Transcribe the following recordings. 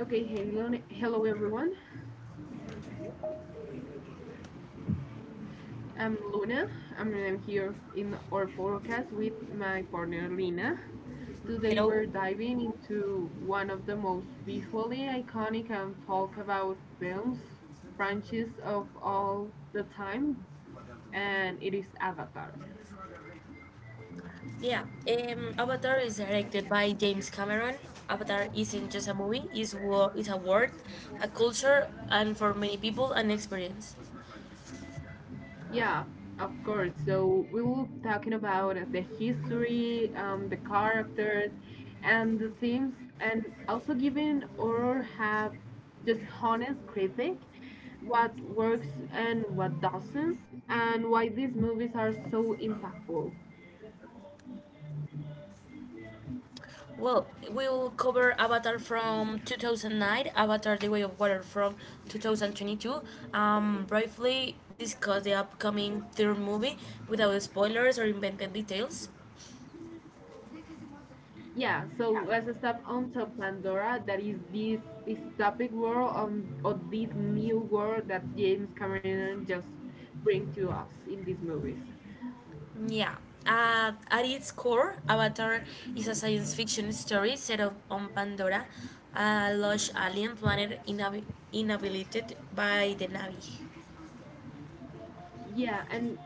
Okay, hello, hello everyone. I'm Luna. I'm here in our podcast with my partner Lina. Today we're diving into one of the most visually iconic and talk about films branches of all the time, and it is Avatar. Yeah, Avatar is directed by James Cameron. Avatar isn't just a movie; it's a world, a culture, and for many people, an experience. Yeah, of course. So we will be talking about the history, the characters, and the themes, and also giving or have just honest critic, what works and what doesn't, and why these movies are so impactful. Well, we'll cover Avatar from 2009, Avatar: The Way of Water from 2022. Briefly discuss the upcoming third movie without spoilers or invented details. Yeah, so let's start on to Pandora. That is this dystopic world on or this new world that James Cameron just bring to us in these movies. Yeah. At its core, Avatar is a science fiction story set up on Pandora, a lush alien planet inhabited by the Navi. Yeah, and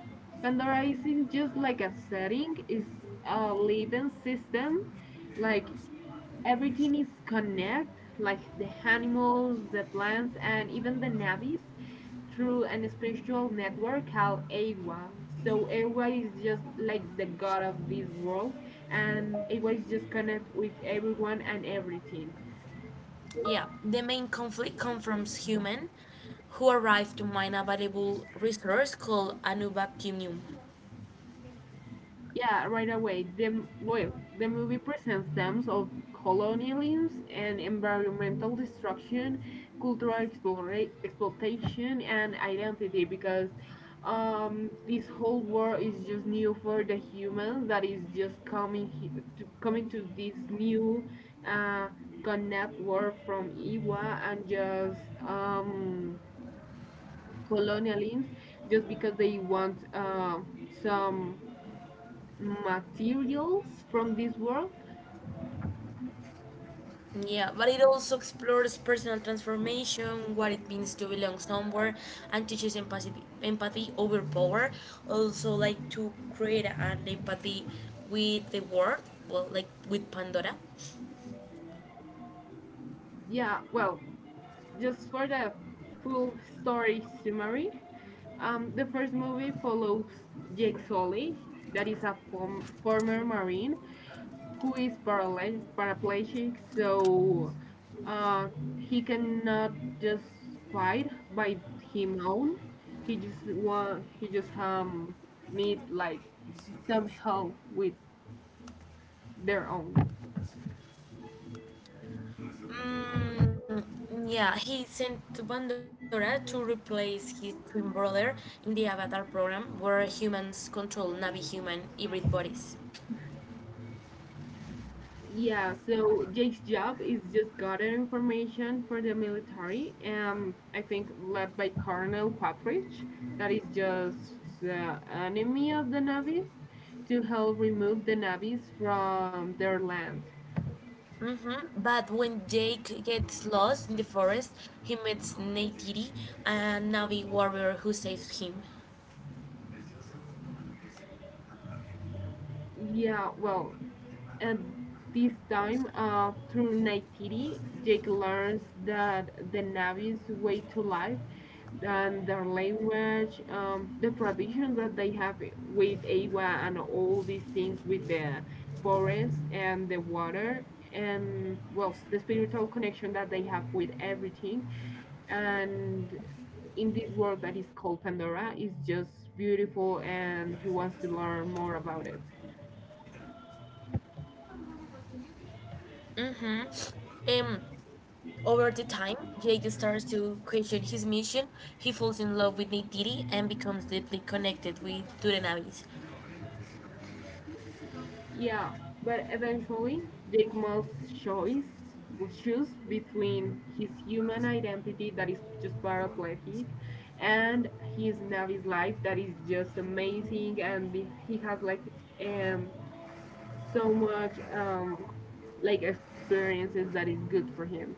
Pandorizing, just like a setting, is a living system. Like everything is connect, like the animals, the plants, and even the navies, through an spiritual network called Awa. So Awa is just like the god of this world, and Awa is just connect with everyone and everything. Yeah, the main conflict comes from humans who arrive to mine a valuable resource called Unobtainium. Yeah, right away. The movie presents themes of colonialism and environmental destruction, cultural exploitation, and identity because this whole world is just new for the humans that is just coming coming to this new uh, connect world from Iwa and just um, colonialism just because they want some materials from this world. Yeah, but it also explores personal transformation, what it means to belong somewhere, and teaches empathy, empathy over power. Also, like to create an empathy with the world, well, like with Pandora. Yeah, well, just for the full story summary, the first movie follows Jake Sully, that is former Marine who is paraplegic, so uh, he cannot just fight by him own. He just need like some help with their own. Mm, yeah, he sent to Pandora to replace his twin brother in the Avatar program, where humans control Navi human hybrid bodies. Yeah, so Jake's job is just gather information for the military, and I think led by Colonel Quattridge, that is just the enemy of the Navis, to help remove the Navis from their land. Hmm. But when Jake gets lost in the forest, he meets Neytiri, a Navi warrior who saves him. Yeah, well, at this time, through Naitiri, Jake learns that the Navi's way to life and their language, the traditions that they have with agua and all these things with the forest and the water and well the spiritual connection that they have with everything and in this world that is called pandora is just beautiful and he wants to learn more about it. Mm-hmm. Um, Over the time, Jake starts to question his mission. He falls in love with Neytiri and becomes deeply connected with to the Navis. Yeah, but eventually, Jake must choose, choose between his human identity that is just paraplegic and his Navi's life that is just amazing and he has like um so much like experiences that is good for him.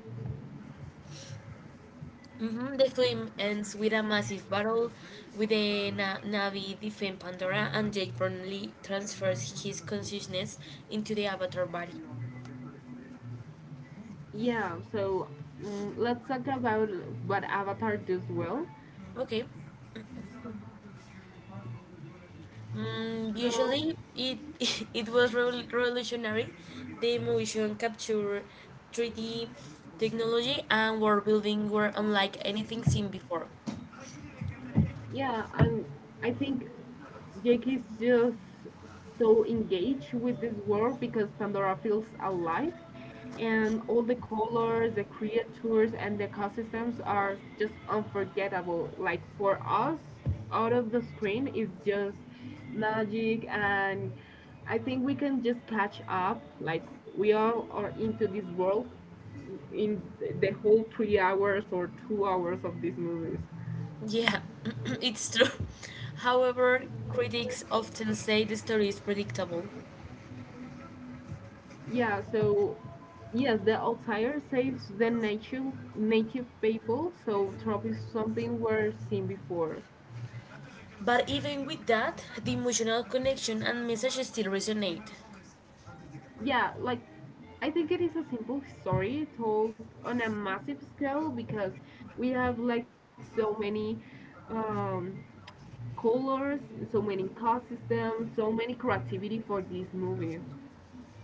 Hmm. The film ends with a massive battle with the Navi defend Pandora, and Jake promptly transfers his consciousness into the Avatar body. Yeah, so let's talk about what Avatar does well. Okay. Mm, So usually, it it was revolutionary. The motion capture, 3D technology, and world building were unlike anything seen before. yeah, I think Jake is just so engaged with this world because Pandora feels alive and all the colors, the creatures and the ecosystems are just unforgettable. Like for us, out of the screen is just magic and I think we can just catch up. Like we all are into this world in the whole 3 hours or 2 hours of these movies. Yeah, it's true. However, critics often say the story is predictable. Yeah, so yes, the outlier saves the native people, so trope is something we're seen before. But even with that, the emotional connection and message still resonate. Yeah, like I think it is a simple story told on a massive scale because we have like so many um, colors, so many cost systems, so many creativity for this movie.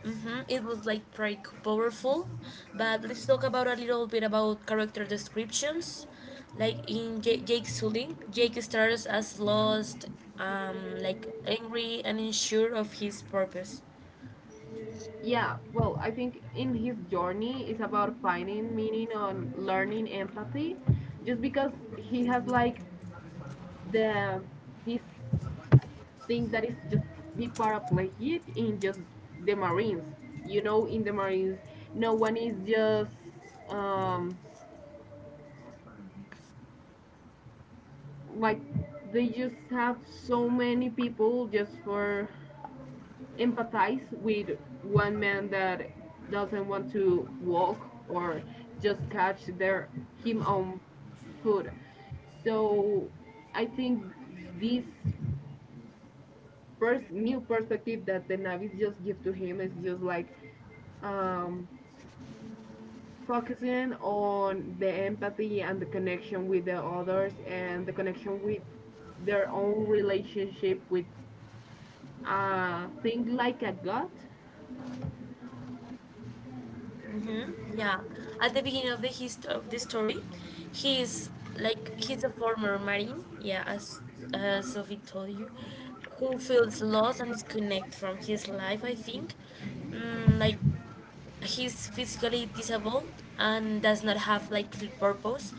Mhm. It was like pretty powerful, but let's talk about a little bit about character descriptions. Like in Jake Sully, Jake starts as lost, like angry and unsure of his purpose. Yeah, well, I think in his journey it's about finding meaning on learning empathy just because he has like the this thing that is just be paraplegic in just the Marines. You know, in the Marines, no one is just um, like they just have so many people just for empathize with one man that doesn't want to walk or just catch their him own food. So I think this new perspective that the Navis just give to him is just like um, focusing on the empathy and the connection with the others and the connection with their own relationship with thing like a god. Hmm. Yeah, at the beginning of the story, he's he's a former marine. Yeah, as Sophie told you, who feels lost and disconnect from his life. I think, mm, like he's physically disabled and does not have like clear purpose.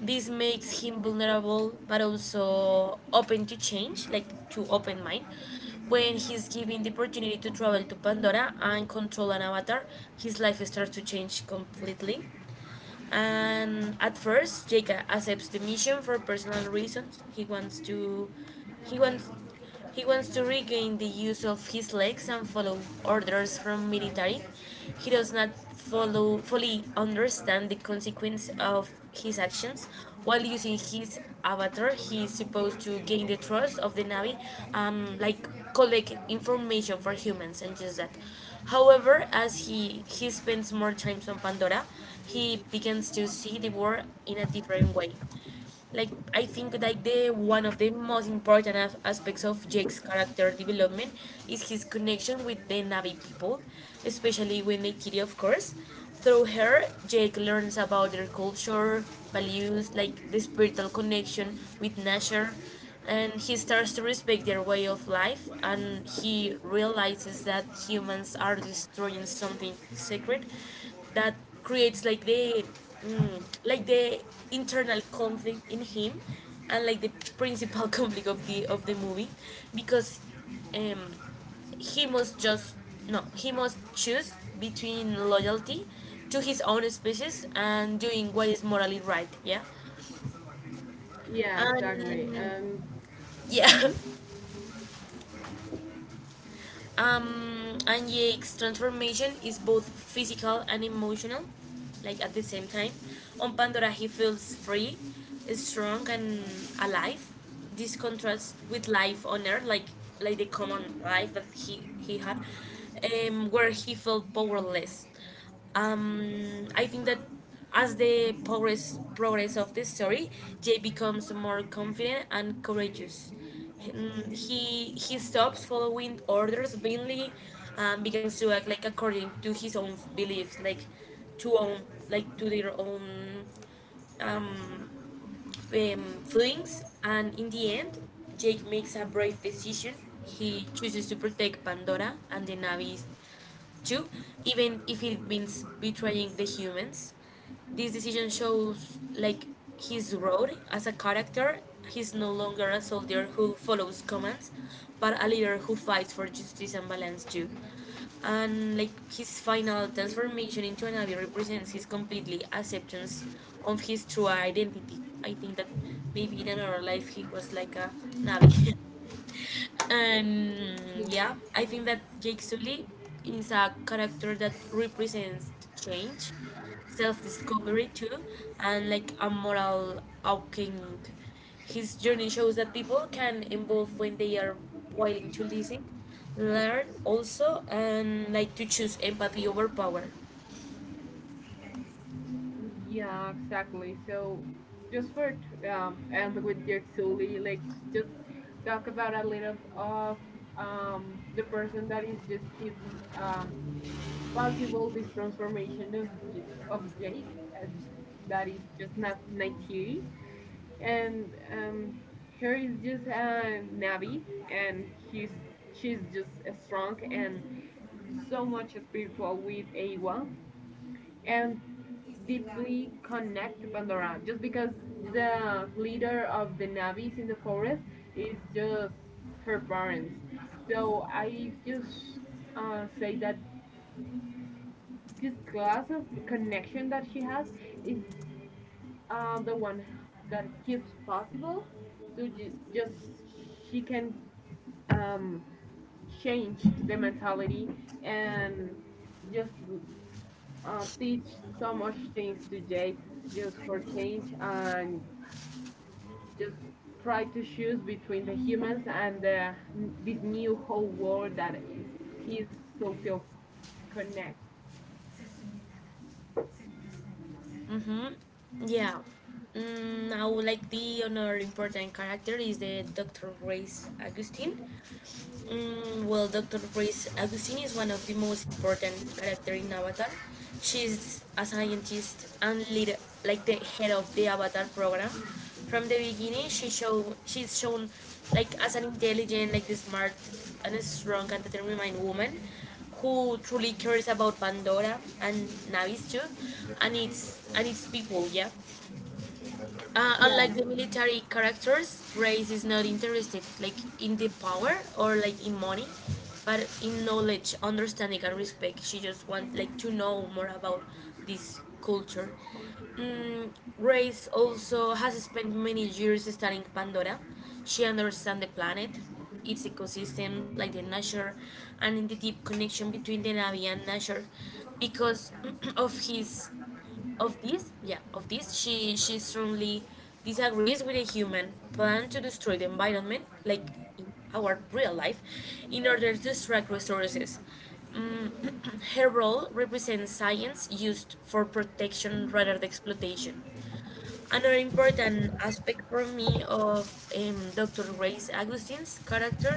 This makes him vulnerable but also open to change, like to open mind. When he's given the opportunity to travel to Pandora and control an avatar, his life starts to change completely. And at first, Jake accepts the mission for personal reasons. He wants, he wants to regain the use of his legs and follow orders from military. He does not follow fully understand the consequence of his actions. While using his avatar, he is supposed to gain the trust of the navy, like collect information for humans and just that. However, as he spends more time on Pandora, he begins to see the world in a different way. Like I think like the one of the most important aspects of Jake's character development is his connection with the Navi people, especially with Neytiri, of course. Through her, Jake learns about their culture, values, like the spiritual connection with nature, and he starts to respect their way of life and he realizes that humans are destroying something sacred that creates like the mm, like the internal conflict in him and like the principal conflict of the movie because um, he must just no he must choose between loyalty to his own species and doing what is morally right. Yeah, Yeah, exactly. and And yeah. mhm. And Jake's transformation is both physical and emotional, like at the same time. On Pandora, he feels free, strong, and alive. This contrasts with life on Earth, like the common life that he had, where he felt powerless I think that as the progress of the story, Jay becomes more confident and courageous. Mm. He stops following orders blindly and begins to act like according to his own beliefs, to own to their own um, feelings. And in the end, Jake makes a brave decision. He chooses to protect Pandora and the Navi Two, even if it means betraying the humans. This decision shows like his road as a character. He's no longer a soldier who follows commands, but a leader who fights for justice and balance too. And like his final transformation into an abbey represents his completely acceptance of his true identity. I think that maybe in another life he was like a Navi. And yeah, I think that Jake Sully is a character that represents change, self-discovery too, and like a moral awakening. His journey shows that people can evolve when they are willing to listen, learn also, and like to choose empathy over power. Yeah, exactly. So just for and with Dirk Sully, like just talk about a little of the person that is just keep um possible this transformation of Jake, uh, that is just not Nightiri, and her is just a Navi, and he's she's just strong and so much spiritual with Awa, and deeply connect to Pandora, just because the leader of the Navis in the forest is just her parents. So I just say that this glass of connection that she has is the one that keeps possible to just she can um, change the mentality and just teach so much things to Jake just for change and just try to choose between the humans and this new whole world that is he's so feel connect. Mm-hmm. Yeah. Mm, now, like the another important character is the Dr. Grace Augustine. Mm, well, Dr. Grace Agustini is one of the most important characters in Avatar. She's a scientist and leader, like the head of the Avatar program. From the beginning, she's shown like as an intelligent, like the smart and strong and determined woman who truly cares about Pandora and Navis too, and its people. Yeah. Yeah Unlike the military characters, Grace is not interested like in the power or like in money, but in knowledge, understanding, and respect. She just wants like to know more about this culture. Mm, Grace also has spent many years studying Pandora. She understands the planet, its ecosystems, like the nature, and the deep connection between the Navi and nature, because of his of this yeah of this she strongly disagrees with a human plan to destroy the environment like in our real life in order to extract resources. Mm, her role represents science used for protection rather than exploitation. Another important aspect for me of Dr. Reyes Agustin's character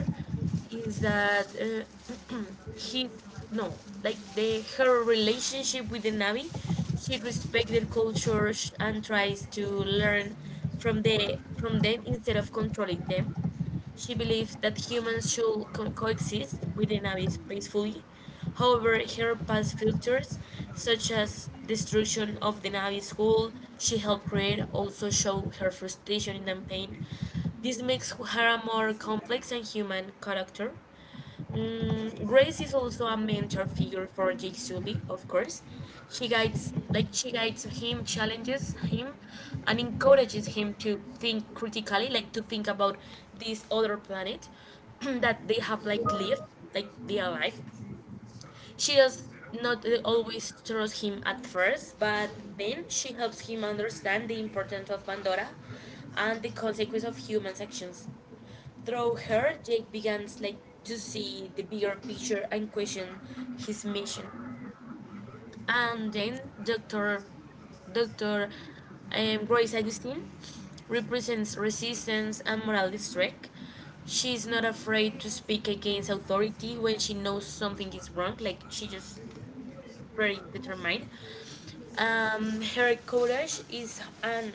is that he no like the her relationship with the Navi, she respects their culture and tries to learn from them instead of controlling them. She believes that humans should coexist within abyss peacefully. However, her past futures, such as destruction of the Navi school she helped create, also show her frustration and pain. This makes her a more complex and human character. Mm, Grace is also a mentor figure for Jake Sully, of course. She guides him, challenges him, and encourages him to think critically, like to think about this other planet that they have like lived, like they are alive. She does not always trust him at first, but then she helps him understand the importance of Pandora and the consequence of human actions. Through her, Jake begins like to see the bigger picture and question his mission. And then Doctor Doctor Grace Augustine represents resistance and moral strength. She is not afraid to speak against authority when she knows something is wrong. Like she just very determined. Her courage is and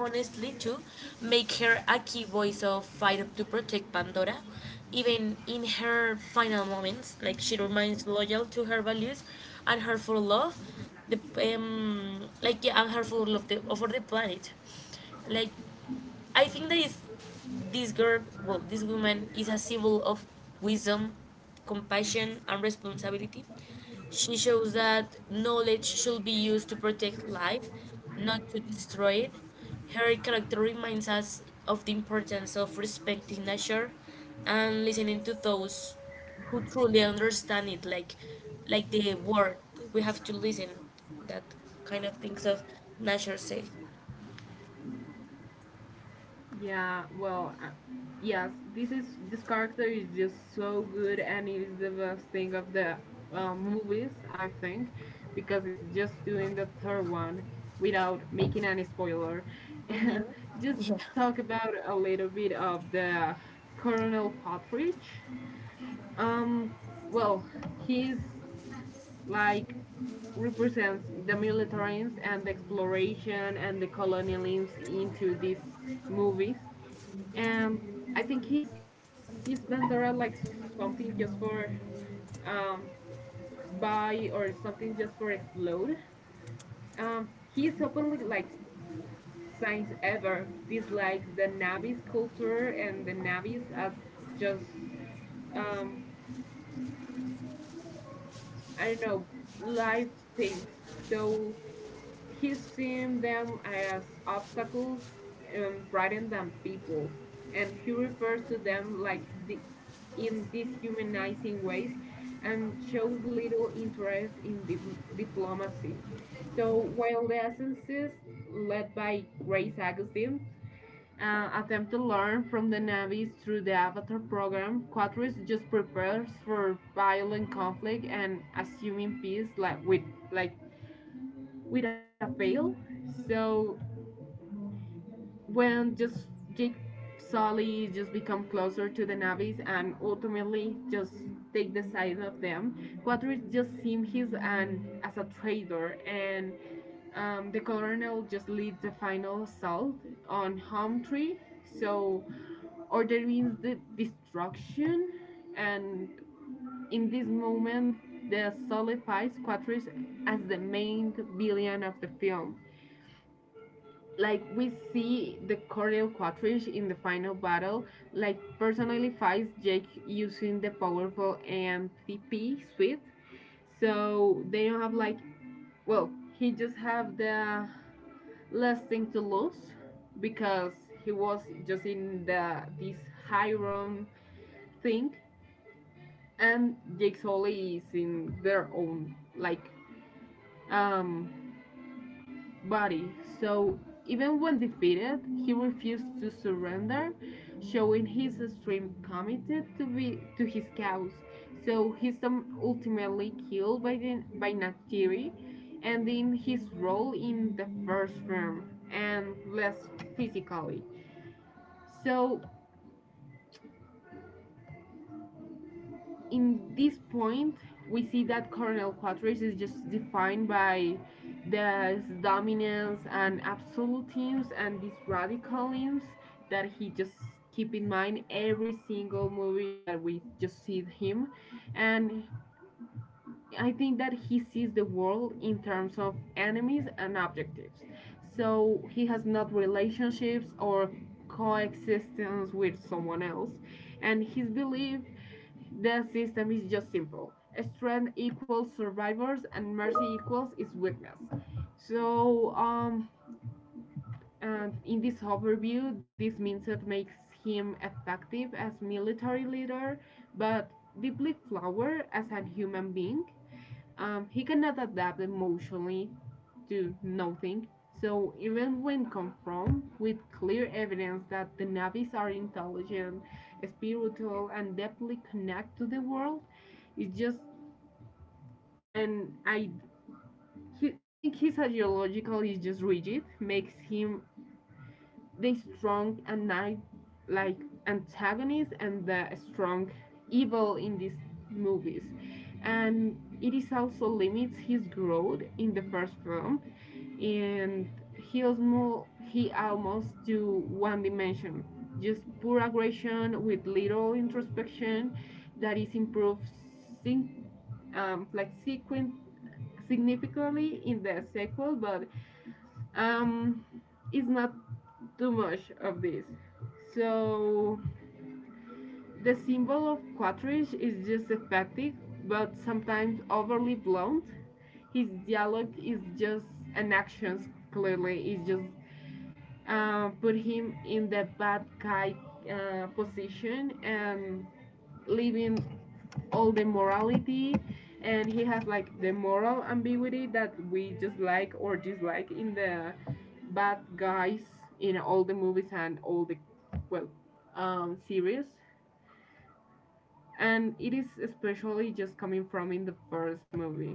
honestly too make her a key voice of fight to protect Pandora. Even in her final moments, like she remains loyal to her values and her full love, the like yeah, and her full love the, over the planet like I think that is this girl, well, this woman is a symbol of wisdom, compassion, and responsibility. She shows that knowledge should be used to protect life, not to destroy it. Her character reminds us of the importance of respecting nature and listening to those who truly understand it, like the word. We have to listen that kind of things of nature say. Yeah, well, yes, this character is just so good, and it is the best thing of the movies, I think, because it's just doing the third one without making any spoiler. Just talk about a little bit of the Colonel Partridge. Um, well, he's like represents the militarism and the exploration and the colonialism into these movies and I think he's Bandera like something just for um buy or something just for explode. Um, he is openly like since ever dislikes the Navis culture and the Navis as just um I don't know life things. So he's seen them as obstacles rather than people, and he refers to them like in dishumanizing ways and shows little interest in diplomacy. So while the essences led by Grace Augustine attempt to learn from the Navis through the Avatar program, Quatris just prepares for violent conflict and assuming peace like with a fail. So when just Jake Sully just become closer to the Navis and ultimately just take the side of them, Quadris just seems he's an as a traitor and the colonel just leads the final assault on Humtree. So order means the destruction and in this moment the solidifies Quatris as the main villain of the film, like we see the Cordell Quatrish in the final battle, like personally fights Jake using the powerful AMPP suite. So they don't have like well, he just have the last thing to lose because he was just in the this high room thing and Jake Sully is in their own like um body. So even when defeated, he refused to surrender, showing his extreme commitment to be to his cause. So he's ultimately killed by by Natiri, ending his role in the first film and less physically. So in this point, we see that coronal quadrature is just defined by the dominance and absolutisms and these radicalisms that he just keep in mind every single movie that we just see him, and I think that he sees the world in terms of enemies and objectives, so he has not relationships or coexistence with someone else, and his belief the system is just simple. Strength equals survivors and mercy equals its weakness. So, and in this overview, this mindset makes him effective as military leader, but deeply flawed as a human being. He cannot adapt emotionally to nothing. So even when confronted with clear evidence that the Navis are intelligent, spiritual, and deeply connected to the world, it's just and I he, I think his ideological is just rigid, makes him the strong and night like antagonist and the strong evil in these movies, and it is also limits his growth in the first film, and he almost do one dimension just pure aggression with little introspection that is improved um, like sequen- significantly in the sequel, but um, it's not too much of this. So the symbol of Quatrish is just effective, but sometimes overly blunt. His dialogue is just an actions clearly is just put him in the bad guy position and leaving all the morality and he has like the moral ambiguity that we just like or dislike in the bad guys in all the movies and all the well series, and it is especially just coming from in the first movie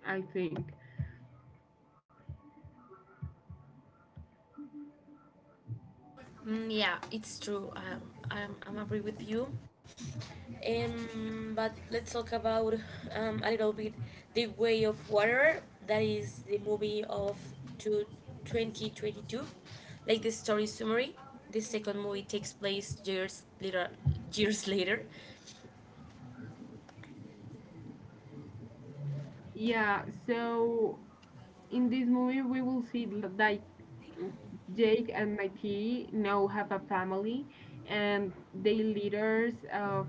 I think. Mm, yeah, it's true. I'm agree with you. But let's talk about a little bit The Way of Water. That is the movie of two, 2022. Like the story summary, the second movie takes place years later. Years later, Yeah, so in this movie we will see like Jake and Mighty now have a family and they leaders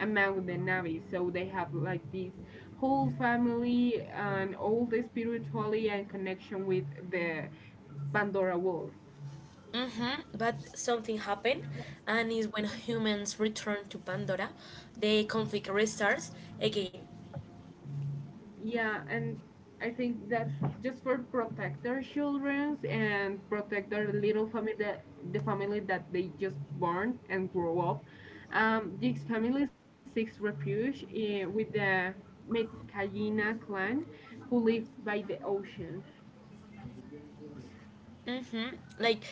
among the Navi, so they have like this whole family and all the spirituality and connection with the Pandora world. hmm but something happened, and is when humans return to Pandora, the conflict restarts again. Yeah, and I think that just for protect their children and protect their little family, the family that they just born and grow up, this family seeks refuge with the Medcayina clan who live by the ocean. Mm-hmm. Like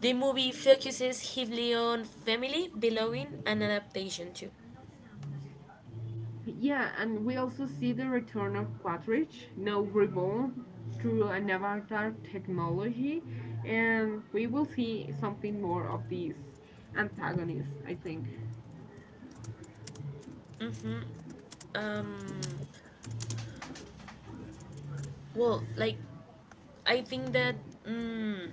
the movie focuses heavily on family, belonging, and adaptation too. Yeah, and we also see the return of Quatrich, now reborn through an avatar technology, and we will see something more of these antagonists, I think. Um, well, like I think that mm,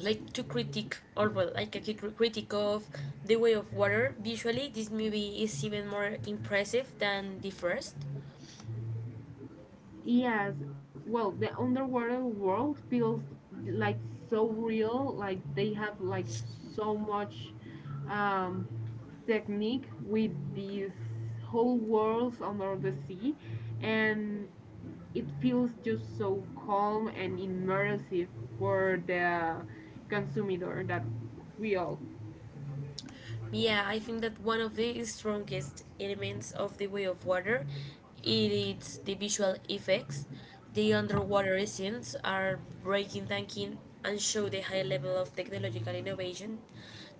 like to critique or well, like a critique of the way of water visually, this movie is even more impressive than the first. Yes, well, the underwater world feels like so real, like they have like so much um, technique with these whole worlds under the sea, and it feels just so calm and immersive for the consumer that we all. Yeah, I think that one of the strongest elements of the way of water is the visual effects. The underwater scenes are breathtaking and show the high level of technological innovation.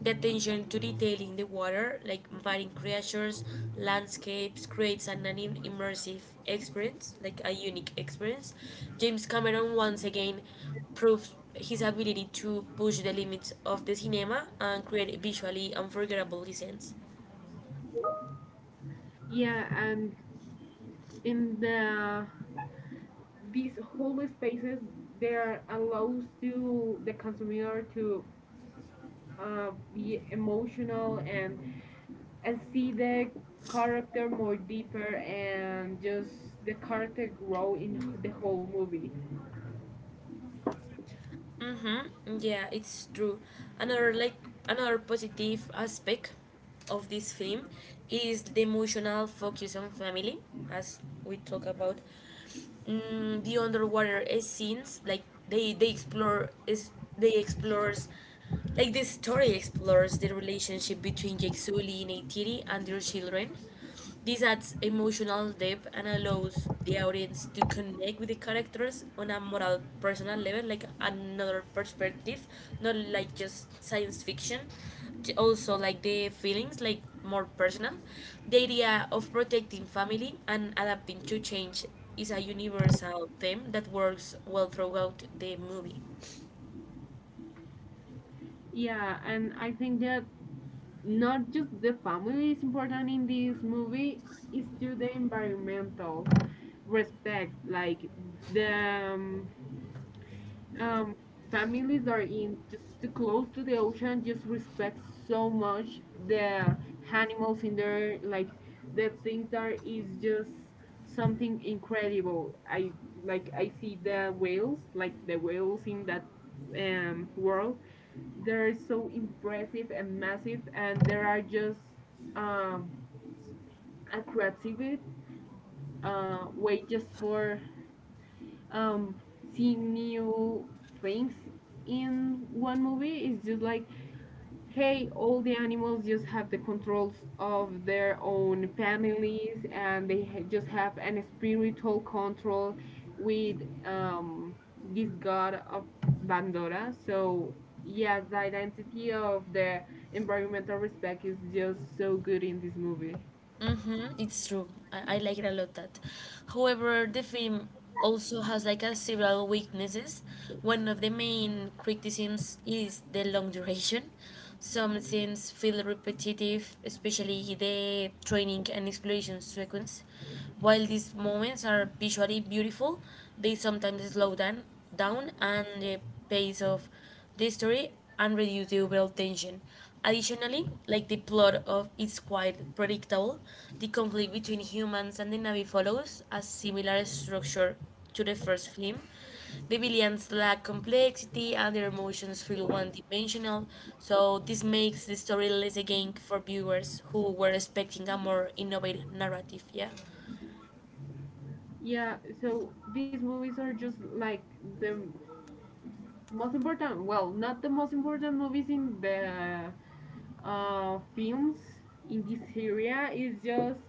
The attention to detail in the water, like marine creatures, landscapes, creates an immersive experience, like a unique experience. James Cameron once again proves his ability to push the limits of the cinema and create visually unforgettable scenes. Yeah, and in these whole spaces, there allows to the consumer to be emotional and see the character more deeper and just the character grow in the whole movie. Mm-hmm. Yeah, it's true. Another like another positive aspect of this film is the emotional focus on family, as we talk about. Mm, the underwater scenes, like they explore is they explores like the story explores the relationship between Jack Sully and Neytiri and their children. This adds emotional depth and allows the audience to connect with the characters on a moral, personal level, like another perspective, not like just science fiction. Also, like the feelings, like more personal. The idea of protecting family and adapting to change is a universal theme that works well throughout the movie. Yeah, and I think that not just the family is important in this movie, it's to the environmental respect, like the um, families that are in just too close to the ocean just respect so much the animals in there like the things that is just something incredible. I Like I see the whales like the whales in that world, they're so impressive and massive and there are just um, a creative way just for um seeing new things in one movie is just like hey all the animals just have the controls of their own families and they just have an spiritual control with um this god of Bandora, so yes the identity of the environmental respect is just so good in this movie. Mm-hmm. It's true. I like it a lot that. However, the film also has like a several weaknesses. One of the main criticisms is the long duration. Some scenes feel repetitive, especially the training and exploration sequence. While these moments are visually beautiful, they sometimes down and the pace of the story and reduce the overall tension. Additionally, like the plot of is quite predictable, the conflict between humans and the Na'vi follows a similar structure to the first film. The villains lack complexity and their emotions feel one-dimensional, so this makes the story less engaging for viewers who were expecting a more innovative narrative. Yeah, Yeah, so these movies are just like the Most important, well, not the most important movies in the films in this area is just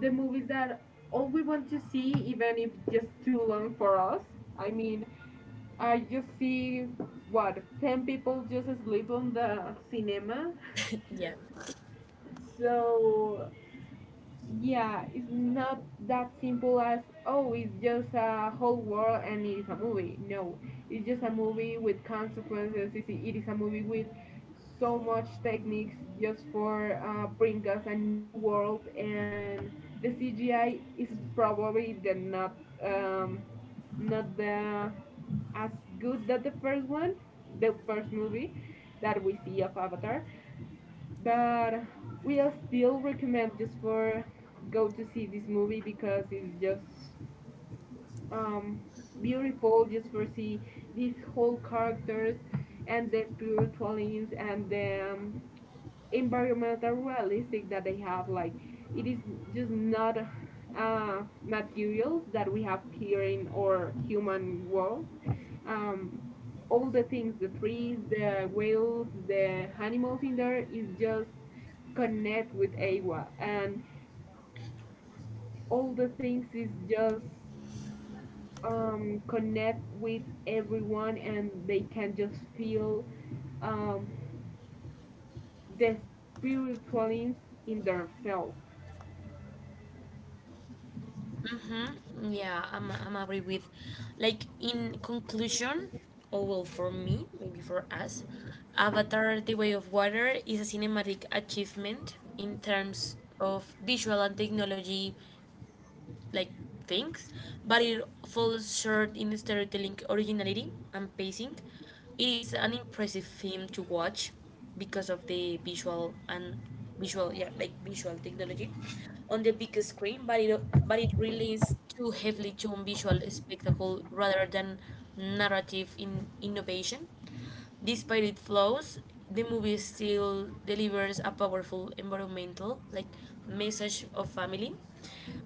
the movies that all we want to see, even if just too long for us. I mean, I just see what 10 people just sleep on the cinema, yeah. so yeah, it's not that simple as oh, it's just a whole world and it is a movie. No, it's just a movie with consequences. It is a movie with so much techniques just for bring us a new world, and the CGI is probably the not um, not the as good that the first one, the first movie that we see of Avatar, but we'll still recommend just for go to see this movie because it's just um, beautiful just for see these whole characters and the spiritual themes and the environmental realistic that they have like it is just not materials that we have here in our human world. um, all the things the trees the whales the animals in there is just connect with agua and all the things is just connect with everyone and they can just feel um, the spiritualism in themselves. Mm-hmm. Yeah, I'm agree with, like in conclusion, or well for me, maybe for us, Avatar: The Way of Water is a cinematic achievement in terms of visual and technology like things, but it falls short in storytelling originality and pacing. It is an impressive film to watch because of the visual and visual yeah like visual technology on the big screen but it relies too heavily to visual spectacle rather than narrative in innovation. Despite its flaws, the movie still delivers a powerful environmental like message of family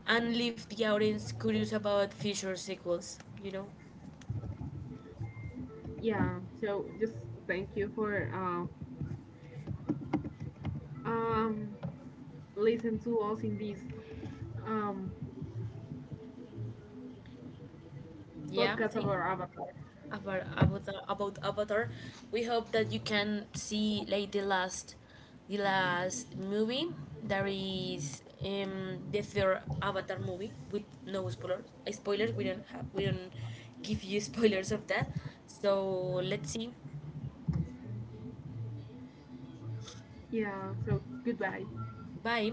and leave the audience curious about future sequels. You know, Yeah, so just thank you for um, listen to us in this um, yeah. I podcast of think our avatar. About Avatar, we hope that you can see like the last movie that is the third Avatar movie with no spoilers. Spoilers we don't have. We don't give you spoilers of that. So let's see. Yeah, so goodbye. Bye.